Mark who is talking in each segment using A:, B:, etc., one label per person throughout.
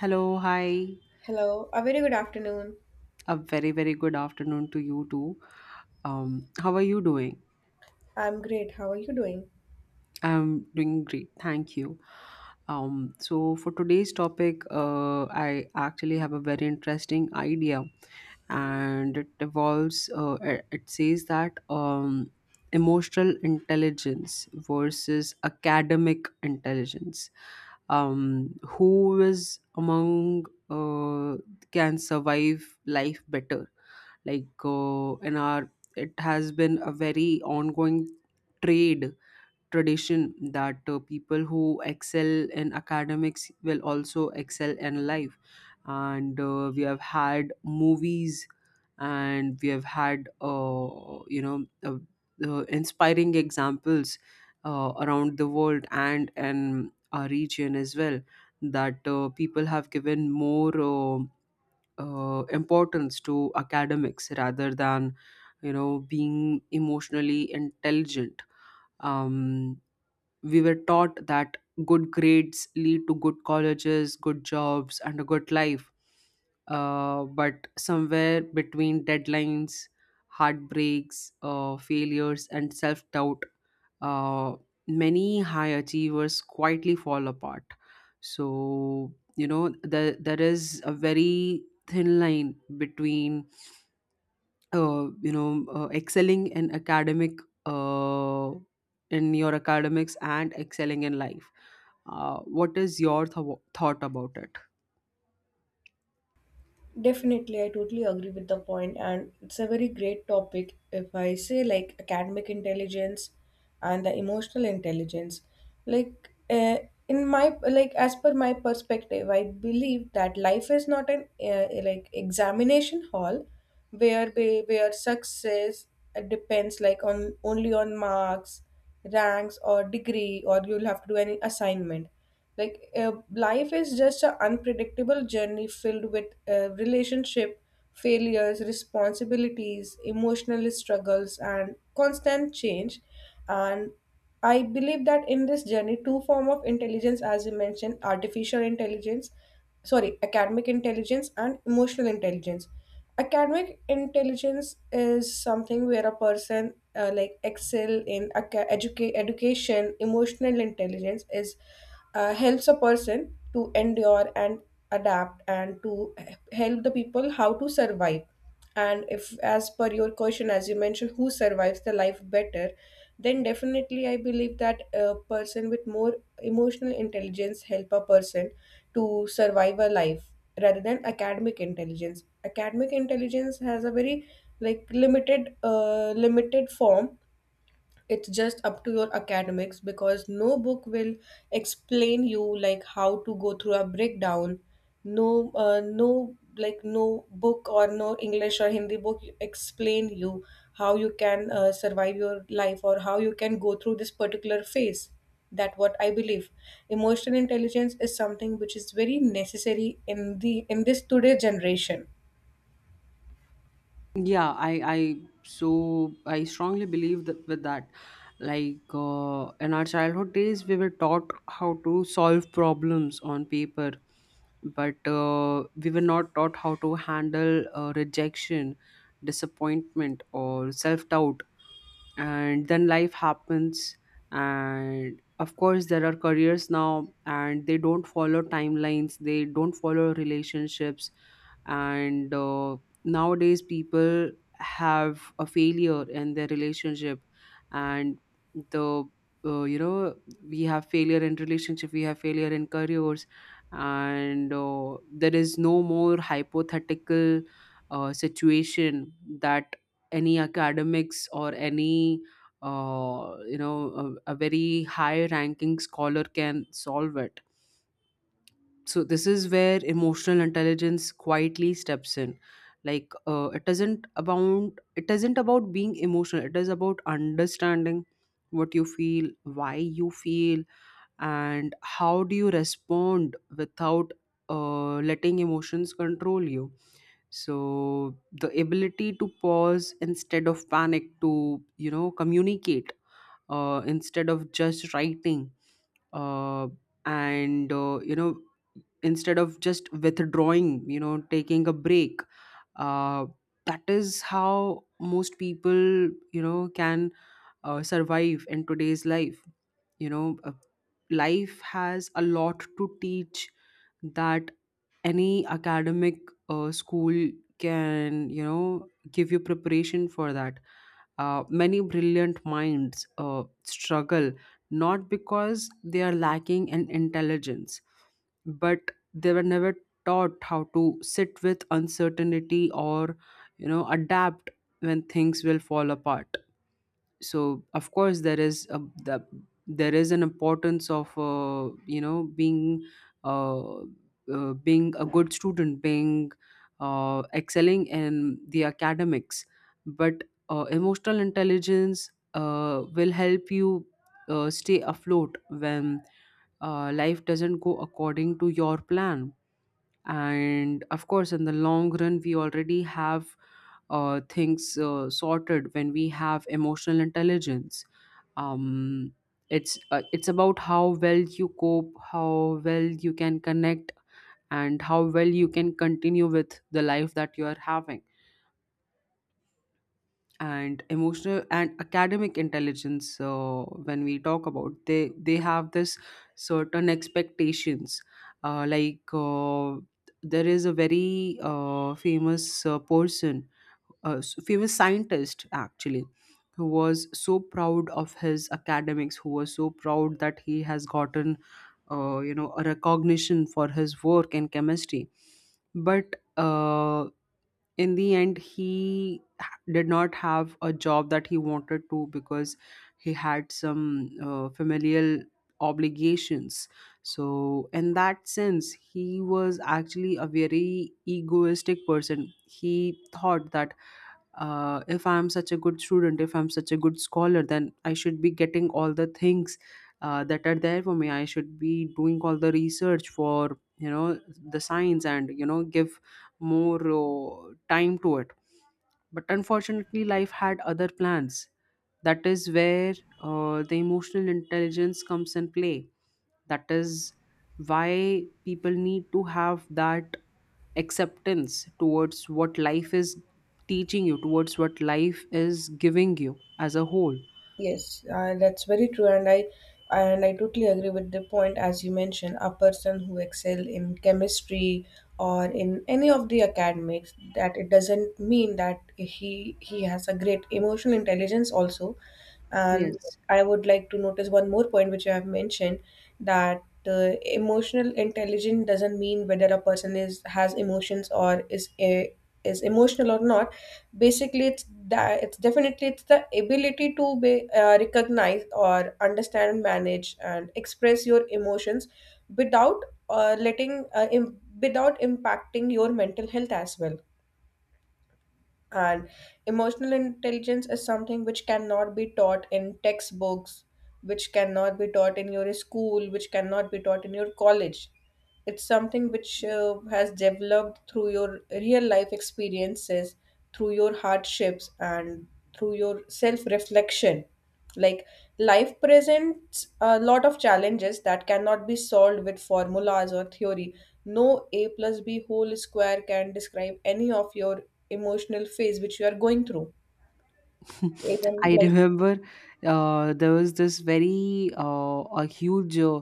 A: Hello, hi.
B: Hello, a very good afternoon.
A: A very, very good afternoon to you too. How are you doing?
B: I'm great. How are you doing?
A: I'm doing great, thank you. So for today's topic, I actually have a very interesting idea, and it involves. It says that emotional intelligence versus academic intelligence. Who is among uh, can survive life better? Like in our, it has been a very ongoing trade tradition that people who excel in academics will also excel in life, and we have had movies, and we have had inspiring examples around the world and in our region as well, that people have given more importance to academics rather than, you know, being emotionally intelligent. um, we were taught that good grades lead to good colleges, good jobs, and a good life. But somewhere between deadlines, heartbreaks, failures, and self doubt, uh, many high achievers quietly fall apart. So, you know, there is a very thin line between excelling in academic, uh, in your academics and excelling in life. What is your thought about it?
B: Definitely, I totally agree with the point, and it's a very great topic. If I say like academic intelligence and the emotional intelligence, like in my like as per my perspective, I believe that life is not an like examination hall where where success depends like on only on marks, ranks, or degree, or you'll have to do any assignment. Like life is just an unpredictable journey filled with relationship failures, responsibilities, emotional struggles, and constant change. And I believe that in this journey, two form of intelligence, as you mentioned, artificial intelligence, sorry, academic intelligence and emotional intelligence. Academic intelligence is something where a person like excel in education, emotional intelligence is helps a person to endure and adapt and to help the people how to survive. And if, as per your question, as you mentioned, who survives the life better, then definitely I believe that a person with more emotional intelligence help a person to survive a life rather than academic intelligence. Academic intelligence has a very like limited form. It's just up to your academics because no book will explain you like how to go through a breakdown. No no book or no english or hindi book explain you how you can survive your life or how you can go through this particular phase. That what I believe, emotional intelligence is something which is very necessary in this today generation.
A: Yeah i i so I strongly believe that with that, like in our childhood days we were taught how to solve problems on paper, but we were not taught how to handle rejection, disappointment, or self-doubt. And then life happens, and of course there are careers now, and they don't follow timelines, they don't follow relationships. And nowadays people have a failure in their relationship, and the you know we have failure in relationship, we have failure in careers, and there is no more hypothetical situation that any academics or any a very high ranking scholar can solve it. So this is where emotional intelligence quietly steps in. It isn't about it isn't about being emotional, it is about understanding what you feel, why you feel, and how do you respond without letting emotions control you. So the ability to pause instead of panic, to, you know, communicate instead of just writing, uh, and you know, instead of just withdrawing, you know, taking a break. uh, that is how most people, you know, can survive in today's life. you know uh, Life has a lot to teach that any academic school can, you know, give you preparation for that. Many brilliant minds struggle, not because they are lacking in intelligence, but they were never taught how to sit with uncertainty or, you know, adapt when things will fall apart. So of course there is the, there is an importance of being uh, being a good student, being excelling in the academics. But emotional intelligence will help you stay afloat when life doesn't go according to your plan. And of course, in the long run, we already have things sorted when we have emotional intelligence. um, it's about how well you cope, how well you can connect, and how well you can continue with the life that you are having. And emotional and academic intelligence, when we talk about, they have this certain expectations. uh, like uh, there is a very famous person, a famous scientist actually, who was so proud of his academics, who was so proud that he has gotten you know, a recognition for his work in chemistry. But in the end, he did not have a job that he wanted to, because he had some familial obligations. So in that sense, he was actually a very egoistic person. He thought that if I'm such a good student, if I'm such a good scholar, then I should be getting all the things that are there for me. I should be doing all the research for, you know, the science, and, you know, give more time to it. But unfortunately, life had other plans. That is where the emotional intelligence comes in play. That is why people need to have that acceptance towards what life is teaching you, towards what life is giving you as a whole.
B: Yes, that's very true, and I totally agree with the point as you mentioned. A person who excel in chemistry or in any of the academics, that it doesn't mean that he has a great emotional intelligence also. And
A: Yes.
B: I would like to notice one more point which you have mentioned, that emotional intelligence doesn't mean whether a person is has emotions or is emotional or not. Basically it's that, it's definitely it's the ability to be recognize or understand manage and express your emotions without letting without impacting your mental health as well. And emotional intelligence is something which cannot be taught in textbooks, which cannot be taught in your school, which cannot be taught in your college. It's something which has developed through your real life experiences, through your hardships, and through your self reflection. Like life presents a lot of challenges that cannot be solved with formulas or theory. No A plus B whole square can describe any of your emotional phase which you are going through even
A: I
B: like.
A: remember there was this very a huge uh,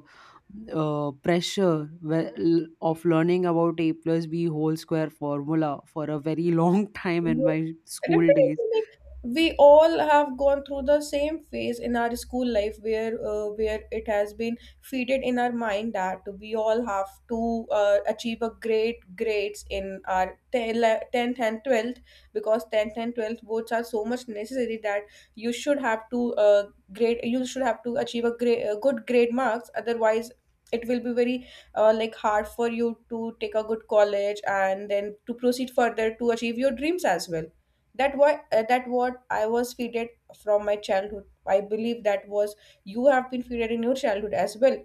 A: uh, pressure of learning about a plus b whole square formula for a very long time in
B: Yeah,
A: my school days.
B: definitely, like we all have gone through the same phase in our school life where it has been fitted in our mind that we all have to achieve a great grades in our 10th and 12th because 10th and 12th boards are so much necessary that you should have to achieve a great good grade marks otherwise it will be very like hard for you to take a good college and then to proceed further to achieve your dreams as well. That why that what I was feeded from my childhood, I believe that was, you have been feeded in your childhood as well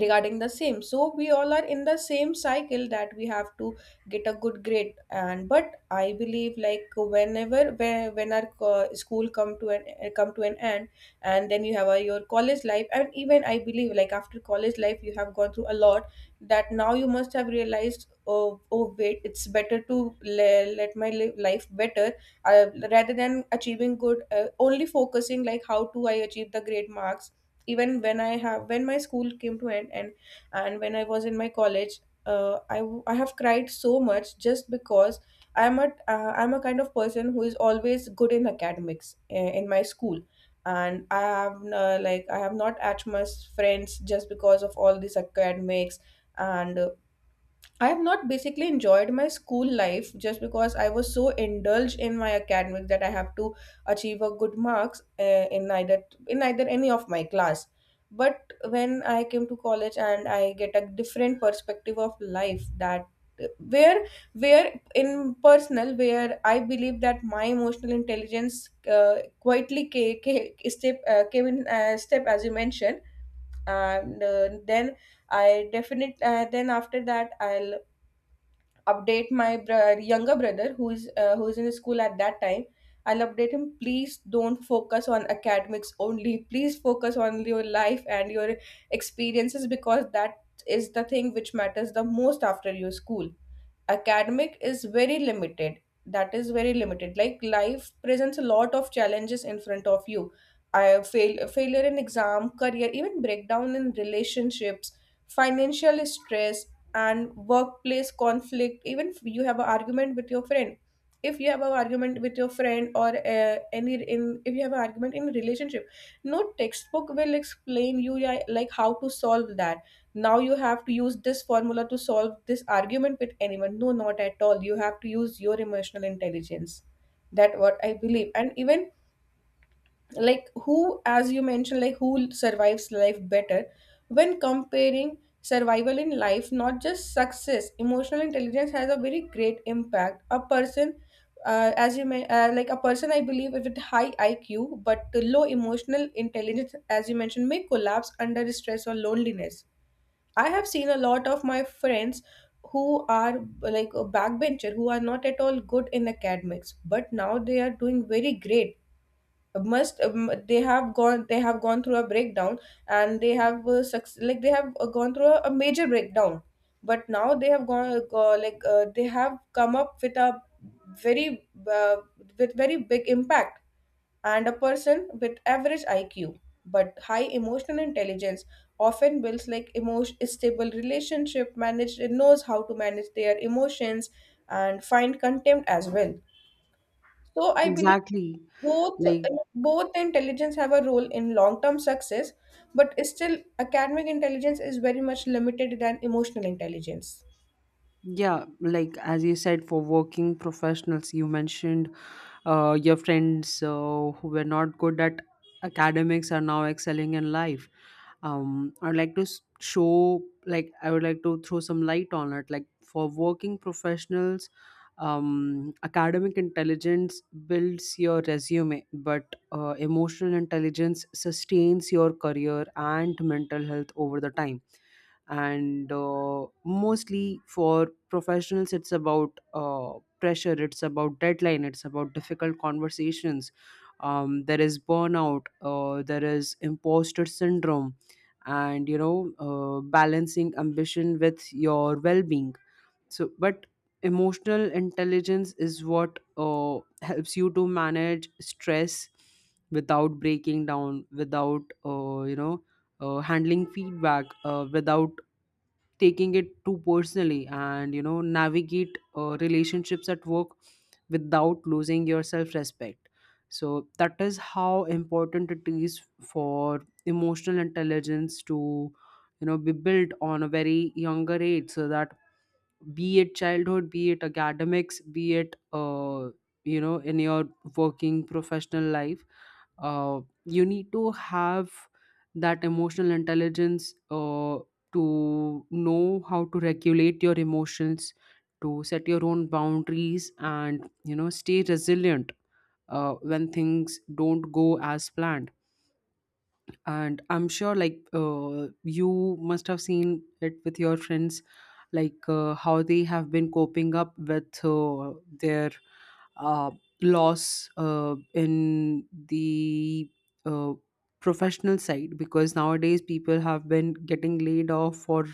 B: regarding the same. So we all are in the same cycle that we have to get a good grade. And but I believe like whenever when our school come to an end and then you have your college life. And even I believe like after college life you have gone through a lot, that now you must have realized, oh, wait, it's better to let life better rather than achieving good only focusing like how do I achieve the great marks. Even when I have, when my school came to end, and when I was in my college, I have cried so much just because I'm a kind of person who is always good in academics in my school, and I have like I have not as much friends just because of all these academics. And I have not basically enjoyed my school life just because I was so indulged in my academics that I have to achieve a good marks in either any of my class. But when I came to college and I get a different perspective of life, that where where in personal, where I believe that my emotional intelligence quietly ca- ca- step came in step as you mentioned. And then I definitely then after that I'll update my younger brother who is in school at that time. I'll update him, please don't focus on academics only, please focus on your life and your experiences, because that is the thing which matters the most after your school. Academic is very limited, that is very limited. Like life presents a lot of challenges in front of you. I fail Failure in exam career, even breakdown in relationships, financial stress, and workplace conflict. Even if you have an argument with your friend, if you have an argument with your friend or any in if you have an argument in relationship, no textbook will explain you, yeah, like how to solve that. Now you have to use this formula to solve this argument with anyone? No, not at all, you have to use your emotional intelligence. That what I believe. And even like who, as you mentioned, like who survives life better, when comparing survival in life not just success, emotional intelligence has a very great impact. A person as you may like a person I believe with high iq but low emotional intelligence, as you mentioned, may collapse under stress or loneliness. I have seen a lot of my friends who are like a backbencher, who are not at all good in academics, but now they are doing very great. Must they have gone? They have gone through a breakdown, and they have like they have gone through a major breakdown. But now they have like they have come up with a very with very big impact. And a person with average IQ but high emotional intelligence often builds like emotion stable relationship manage, knows how to manage their emotions and find contempt as well. So I believe
A: Exactly,
B: both,
A: like,
B: both intelligence have a role in long term success, but still academic intelligence is very much limited than emotional intelligence.
A: yeah, like as you said, for working professionals, you mentioned your friends who were not good at academics are now excelling in life. I'd like to s- show like I would like to throw some light on it. Like for working professionals, academic intelligence builds your resume, but emotional intelligence sustains your career and mental health over the time. And mostly for professionals, it's about pressure, it's about deadline, it's about difficult conversations. There is burnout, there is imposter syndrome, and, you know, balancing ambition with your well-being. But emotional intelligence is what helps you to manage stress without breaking down, without handling feedback without taking it too personally, and, you know, navigate relationships at work without losing your self respect. So that is how important it is for emotional intelligence to, you know, be built on a very younger age. So that be it childhood, be it academics, be it in your working professional life, you need to have that emotional intelligence to know how to regulate your emotions, to set your own boundaries, and, you know, stay resilient when things don't go as planned. And I'm sure, like, you must have seen it with your friends, like, how they have been coping up with their uh, loss in the uh, professional side, because nowadays people have been getting laid off for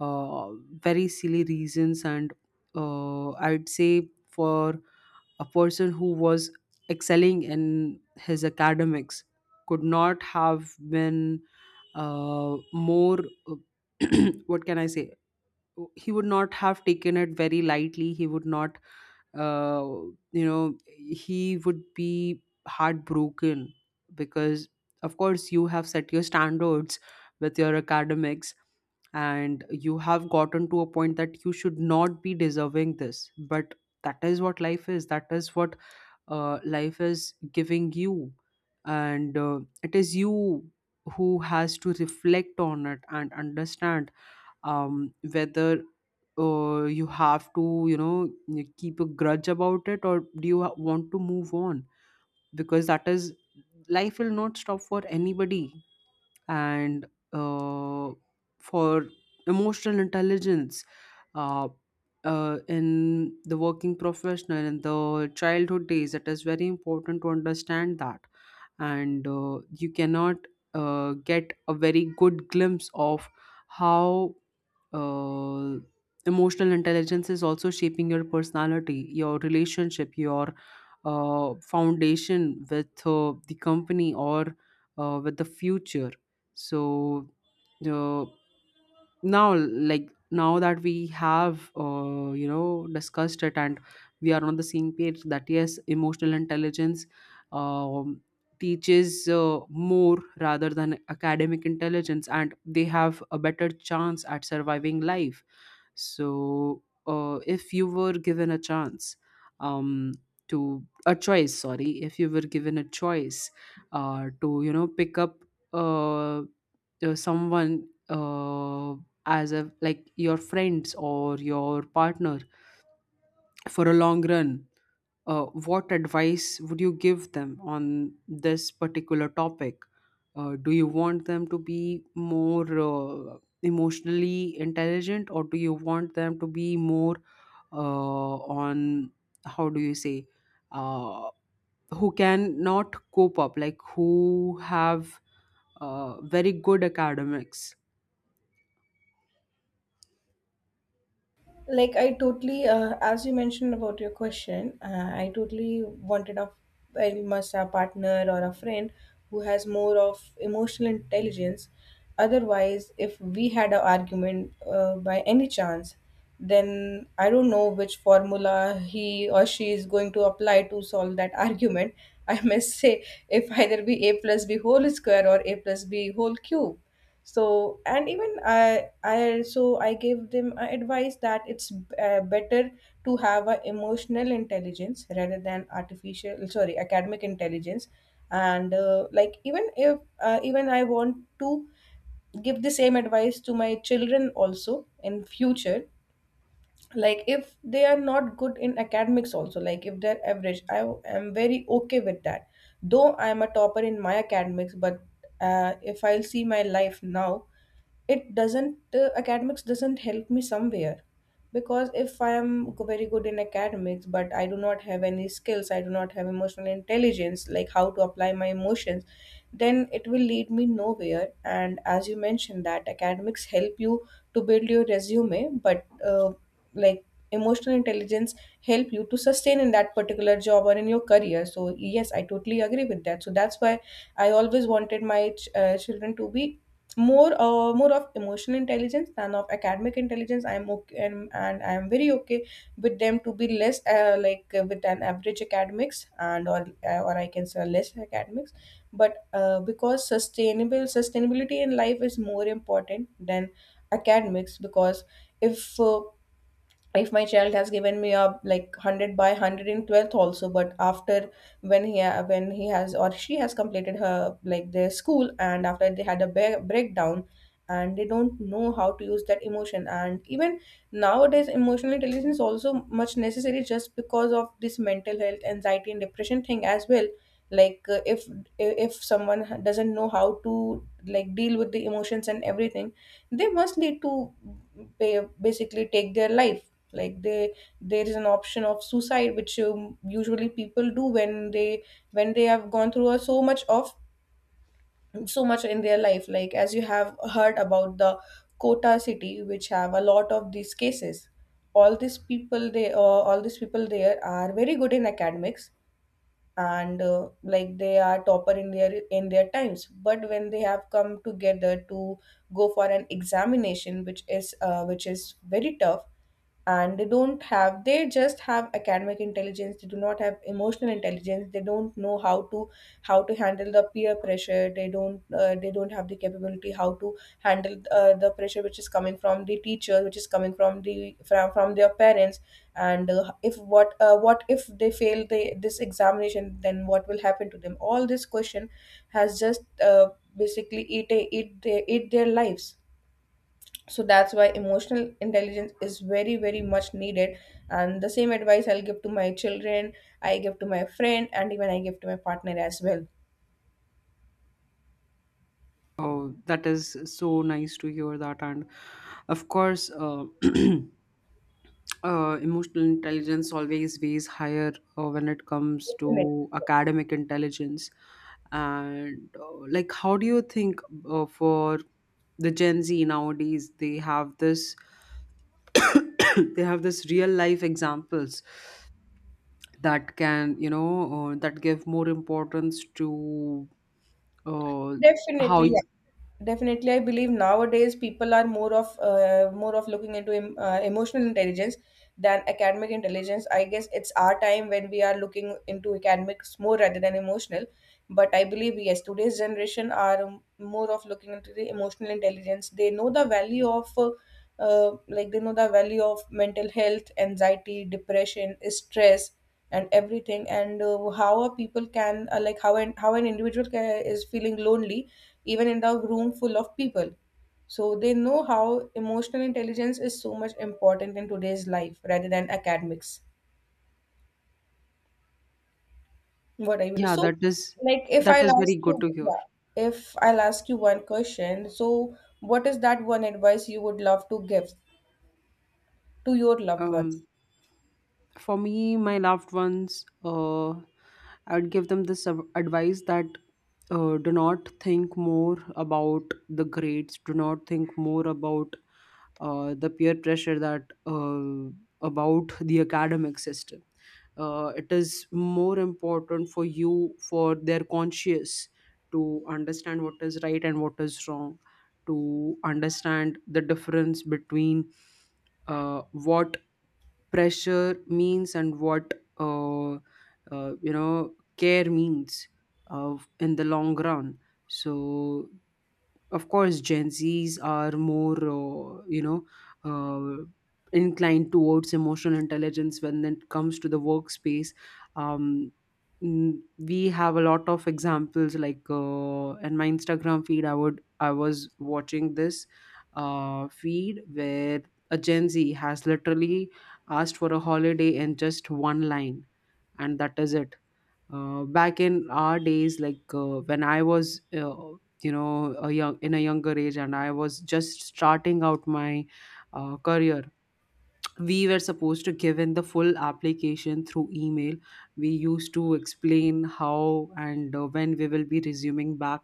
A: uh, very silly reasons. And I'd say for a person who was excelling in his academics, could not have been more, what can I say, he would not have taken it very lightly. He would not, uh, you know he would be heartbroken, because of course you have set your standards with your academics, and you have gotten to a point that you should not be deserving this. But that is what life is, that is what life is giving you. And it is you who has to reflect on it and understand whether you have to, you know, you keep a grudge about it, or do you want to move on. Because that is, life will not stop for anybody. And uh, for emotional intelligence, uh, in the working professional, in the childhood days, it is very important to understand that. And you cannot get a very good glimpse of how uh, emotional intelligence is also shaping your personality, your relationship, your foundation with the company, or with the future. So uh, now, now that we have, discussed it and we are on the same page that yes, emotional intelligence. Um, Teaches more rather than academic intelligence, and they have a better chance at surviving life. So, if you were given a chance, um, to a choice, sorry, if you were given a choice, to, you know, pick up uh, someone as a like, your friends or your partner for a long run, what advice would you give them on this particular topic? Do you want them to be more emotionally intelligent, or do you want them to be more on, how do you say, uh, who can not cope up, like who have very good academics?
B: Like I totally as you mentioned about your question, I totally wanted a, I must a partner or a friend who has more of emotional intelligence. Otherwise if we had an argument by any chance, then I don't know which formula he or she is going to apply to solve that argument, I must say, if either be a plus b whole square or a plus b whole cube. So and even I gave them a advice that it's better to have a emotional intelligence rather than artificial, sorry, academic intelligence. And like even if even I want to give the same advice to my children also in future. Like if they are not good in academics also, like if they're average, I am very okay with that. Though I am a topper in my academics, but if I'll see my life now, it doesn't academics doesn't help me somewhere. Because if I am very good in academics but I do not have any skills, I do not have emotional intelligence, like how to apply my emotions, then it will lead me nowhere. And as you mentioned that academics help you to build your resume, but like emotional intelligence help you to sustain in that particular job or in your career. So yes I totally agree with that. So that's why I always wanted my children to be more more of emotional intelligence than of academic intelligence. I'm okay and I'm very okay with them to be less like with an average academics and or I can say less academics. But because sustainable sustainability in life is more important than academics. Because if uh, if my child has given me a like 100 by 100 in 12th also, but after when when he has or she has completed her like their school and after they had a breakdown, and they don't know how to use that emotion. And even nowadays emotional intelligence also much necessary just because of this mental health anxiety and depression thing as well. Like if someone doesn't know How to, like, deal with the emotions and everything, they must need to basically take their life. Like they, there is an option of suicide, which usually people do when they, when they have gone through so much of, so much in their life. Like as you have heard about the Kota city, which have a lot of these cases, all these people, they all these people, there are very good in academics, and like they are topper in their times. But when they have come together to go for an examination which is very tough, and they don't have, they just have academic intelligence, they do not have emotional intelligence, they don't know how to, how to handle the peer pressure. They don't they don't have the capability how to handle the pressure which is coming from the teacher, which is coming from the from their parents, and if what what if they fail this examination, then what will happen to them, all this question has just basically eat, eat their lives. So that's why emotional intelligence is very, very much needed, and the same advice I'll give to my children, I give to my friend, and even I give to my partner as well.
A: Oh, that is so nice to hear that, and of course. Emotional intelligence always weighs higher when it comes
B: Definitely,
A: to academic intelligence. And like how do you think for the gen z nowadays, they have this they have this real life examples that can that give more importance to uh, how.
B: definitely, yeah. Definitely, I believe nowadays people are more of looking into emotional intelligence than academic intelligence. I guess it's our time when we are looking into academics more rather than emotional, but I believe yes, today's generation are more of looking into the emotional intelligence. They know the value of like they know the value of mental health, anxiety, depression, stress and everything, and how a people can like how an, how an individual is feeling lonely even in the room full of people. So they know how emotional intelligence is so much important in today's life rather than academics. What I will,
A: yeah
B: so
A: that is
B: like if
A: that
B: I'll
A: is very
B: ask you,
A: good to hear.
B: yeah, if I'll ask you one question, so what is that one advice you would love to give to your loved ones?
A: um for me, my loved ones, I would give them this advice that do not think more about the grades. Do not think more about the peer pressure, that about the academic system. It is more important for you, for their conscious, to understand what is right and what is wrong, to understand the difference between what pressure means and what care means in the long run. So of course gen z's are more uh, inclined towards emotional intelligence when it comes to the workspace. um, we have a lot of examples. Like in my instagram feed, I was watching this feed where a gen z has literally asked for a holiday in just one line, and that is it. Back in our days, like when I was a young in a younger age, and I was just starting out my career, we were supposed to give in the full application through email. We used to explain how and when we will be resuming back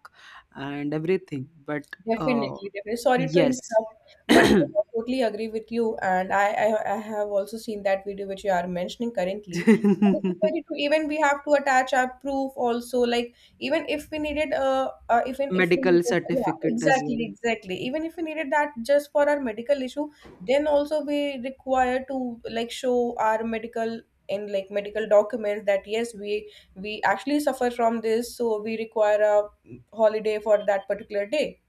A: and everything, but
B: Definitely, definitely. Sorry to
A: yes.
B: interrupt, but yeah, I totally agree with you. And I have also seen that video which you are mentioning currently. And this is very true. Even we have to attach our proof also. Like even if we needed, even if we
A: Medical
B: needed, yeah,
A: certificate as
B: exactly,
A: well.
B: exactly. Even if we needed that just for our medical issue, then also we require to, like, show our medical, in like, medical documents that yes, we actually suffer from this, so we require a holiday for that particular day.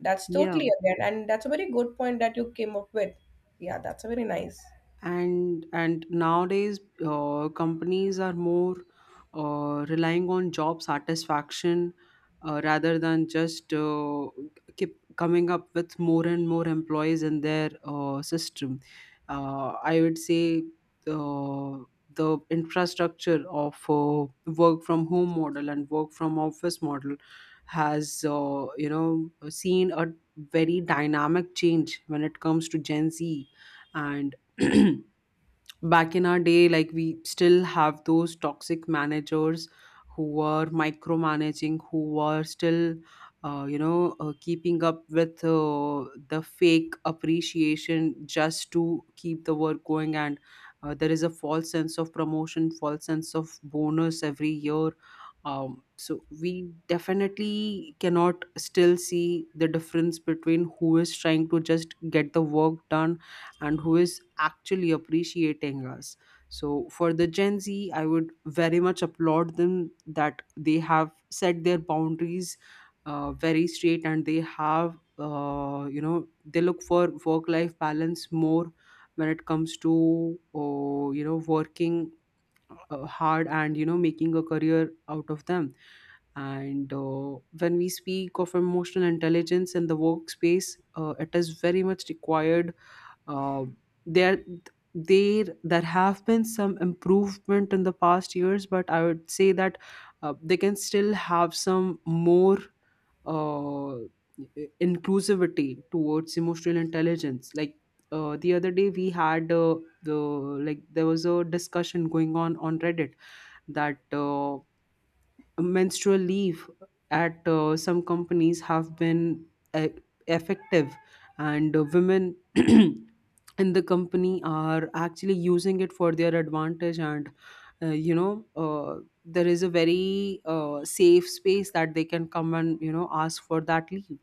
B: That's
A: Yeah.
B: totally again, and that's a very good point that you came up with. Yeah, that's a very nice.
A: And nowadays companies are more relying on job satisfaction rather than just keep coming up with more and more employees in their system. I would say uh, the infrastructure of work from home model and work from office model has seen a very dynamic change when it comes to gen z. And back in our day, like we still have those toxic managers who were micromanaging, who were still keeping up with the fake appreciation just to keep the work going. And there is a false sense of promotion, false sense of bonus every year. So we definitely cannot still see the difference between who is trying to just get the work done and who is actually appreciating us. So for the Gen Z, I would very much applaud them that they have set their boundaries very straight, and they have they look for work life balance more when it comes to working hard and making a career out of them. And when we speak of emotional intelligence in the workspace, it is very much required. uh, there there have been some improvement in the past years, but I would say that they can still have some more uh, inclusivity towards emotional intelligence. Like the other day, we had the like there was a discussion going on Reddit. That. Menstrual leave at some companies have been uh, effective, and women in the company are actually using it for their advantage, and uh, you know uh, there is a very safe space that they can come and ask for that leave.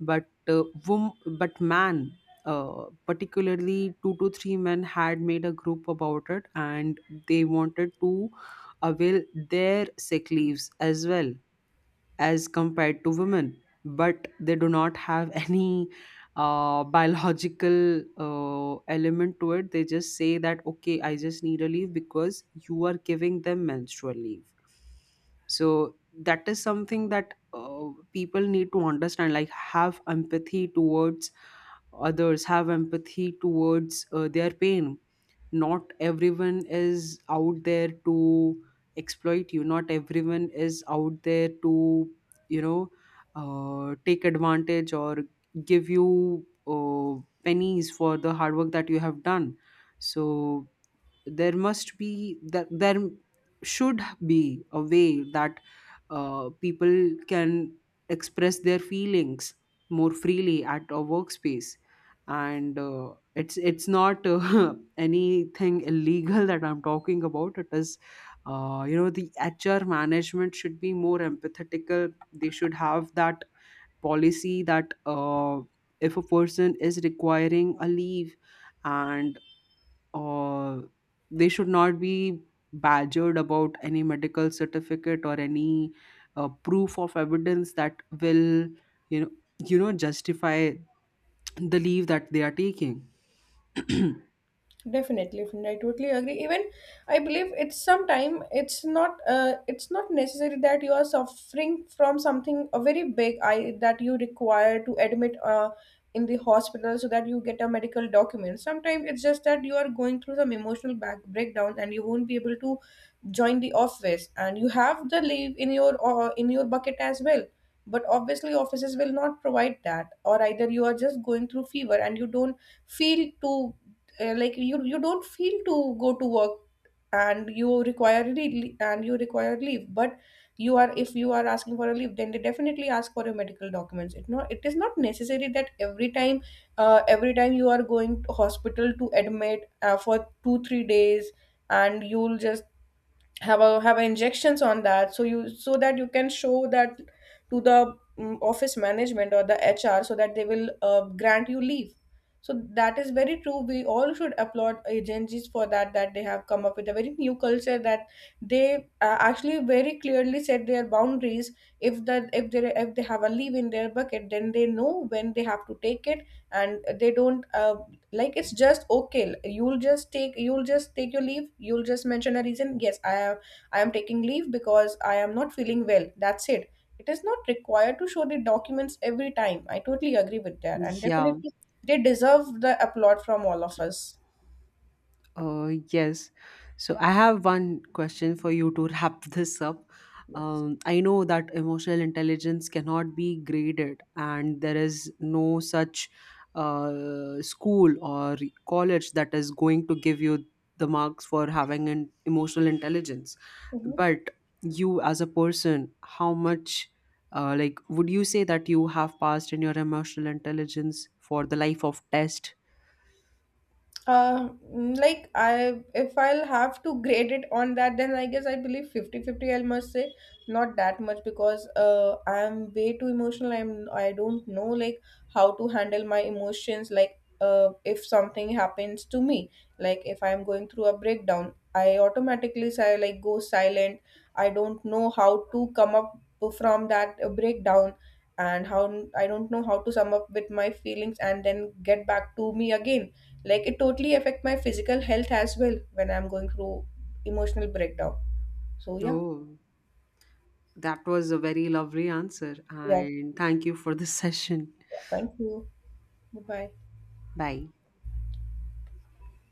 A: But but man, particularly two to three men had made a group about it, and they wanted to avail their sick leaves as well as compared to women, but they do not have any biological element to it. They just say that okay, I just need a leave because you are giving them menstrual leave. So that is something that people need to understand, like have empathy towards others, have empathy towards their pain. Not everyone is out there to exploit you. Not everyone is out there to you know take advantage or give you pennies for the hard work that you have done. So there must be that there should be a way that people can express their feelings more freely at a workspace. And it's not anything illegal that I'm talking about. It is the hr management should be more empathetical. They should have that policy that if a person is requiring a leave, and or they should not be badgered about any medical certificate or any proof of evidence that will you know justify the leave that they are taking.
B: Definitely, definitely, I totally agree. Even I believe it's sometime, it's not necessary that you are suffering from something a very big I that you require to admit in the hospital, so that you get a medical document. Sometimes it's just that you are going through some emotional back breakdown, and you won't be able to join the office, and you have the leave in your bucket as well. But obviously, offices will not provide that, or either you are just going through fever and you don't feel to like you don't feel to go to work and you require leave, and you require leave. But you are, if you are asking for a leave, then they definitely ask for your medical documents. It not, it is not necessary that every time, every time you are going to hospital to admit for 2 3 days, and you'll just have a injections on that, so you, so that you can show that to the office management or the hr, so that they will grant you leave. So that is very true, we all should applaud agencies for that, that they have come up with a very new culture, that they actually very clearly set their boundaries. If that, if they, if they have a leave in their bucket, then they know when they have to take it, and they don't like it's just okay, you'll just take your leave, you'll just mention a reason. Yes, I am, I am taking leave because I am not feeling well, that's it. It is not required to show the documents every time, I totally agree with that, and
A: Yeah.
B: definitely they deserve the applaud from all of us.
A: Yes. So I have one question for you to wrap this up.
B: Yes.
A: I know that emotional intelligence cannot be graded, and there is no such school or college that is going to give you the marks for having an emotional intelligence.
B: Mhm.
A: But you, as a person, how much, like, would you say that you have passed in your emotional intelligence for the life of test?
B: Like I, if I'll have to grade it on that, then I guess I believe fifty-fifty. I must say not that much, because I'm way too emotional. I don't know like how to handle my emotions. Like if something happens to me, like if I'm going through a breakdown, I automatically say, like, go silent. I don't know how to come up from that breakdown, and how, I don't know how to sum up with my feelings and then get back to me again. Like it totally affect my physical health as well when I'm going through emotional breakdown. So yeah.
A: Oh. That was a very lovely answer,
B: yeah,
A: and thank you for this session.
B: yeah. thank you. Bye bye.
A: Bye.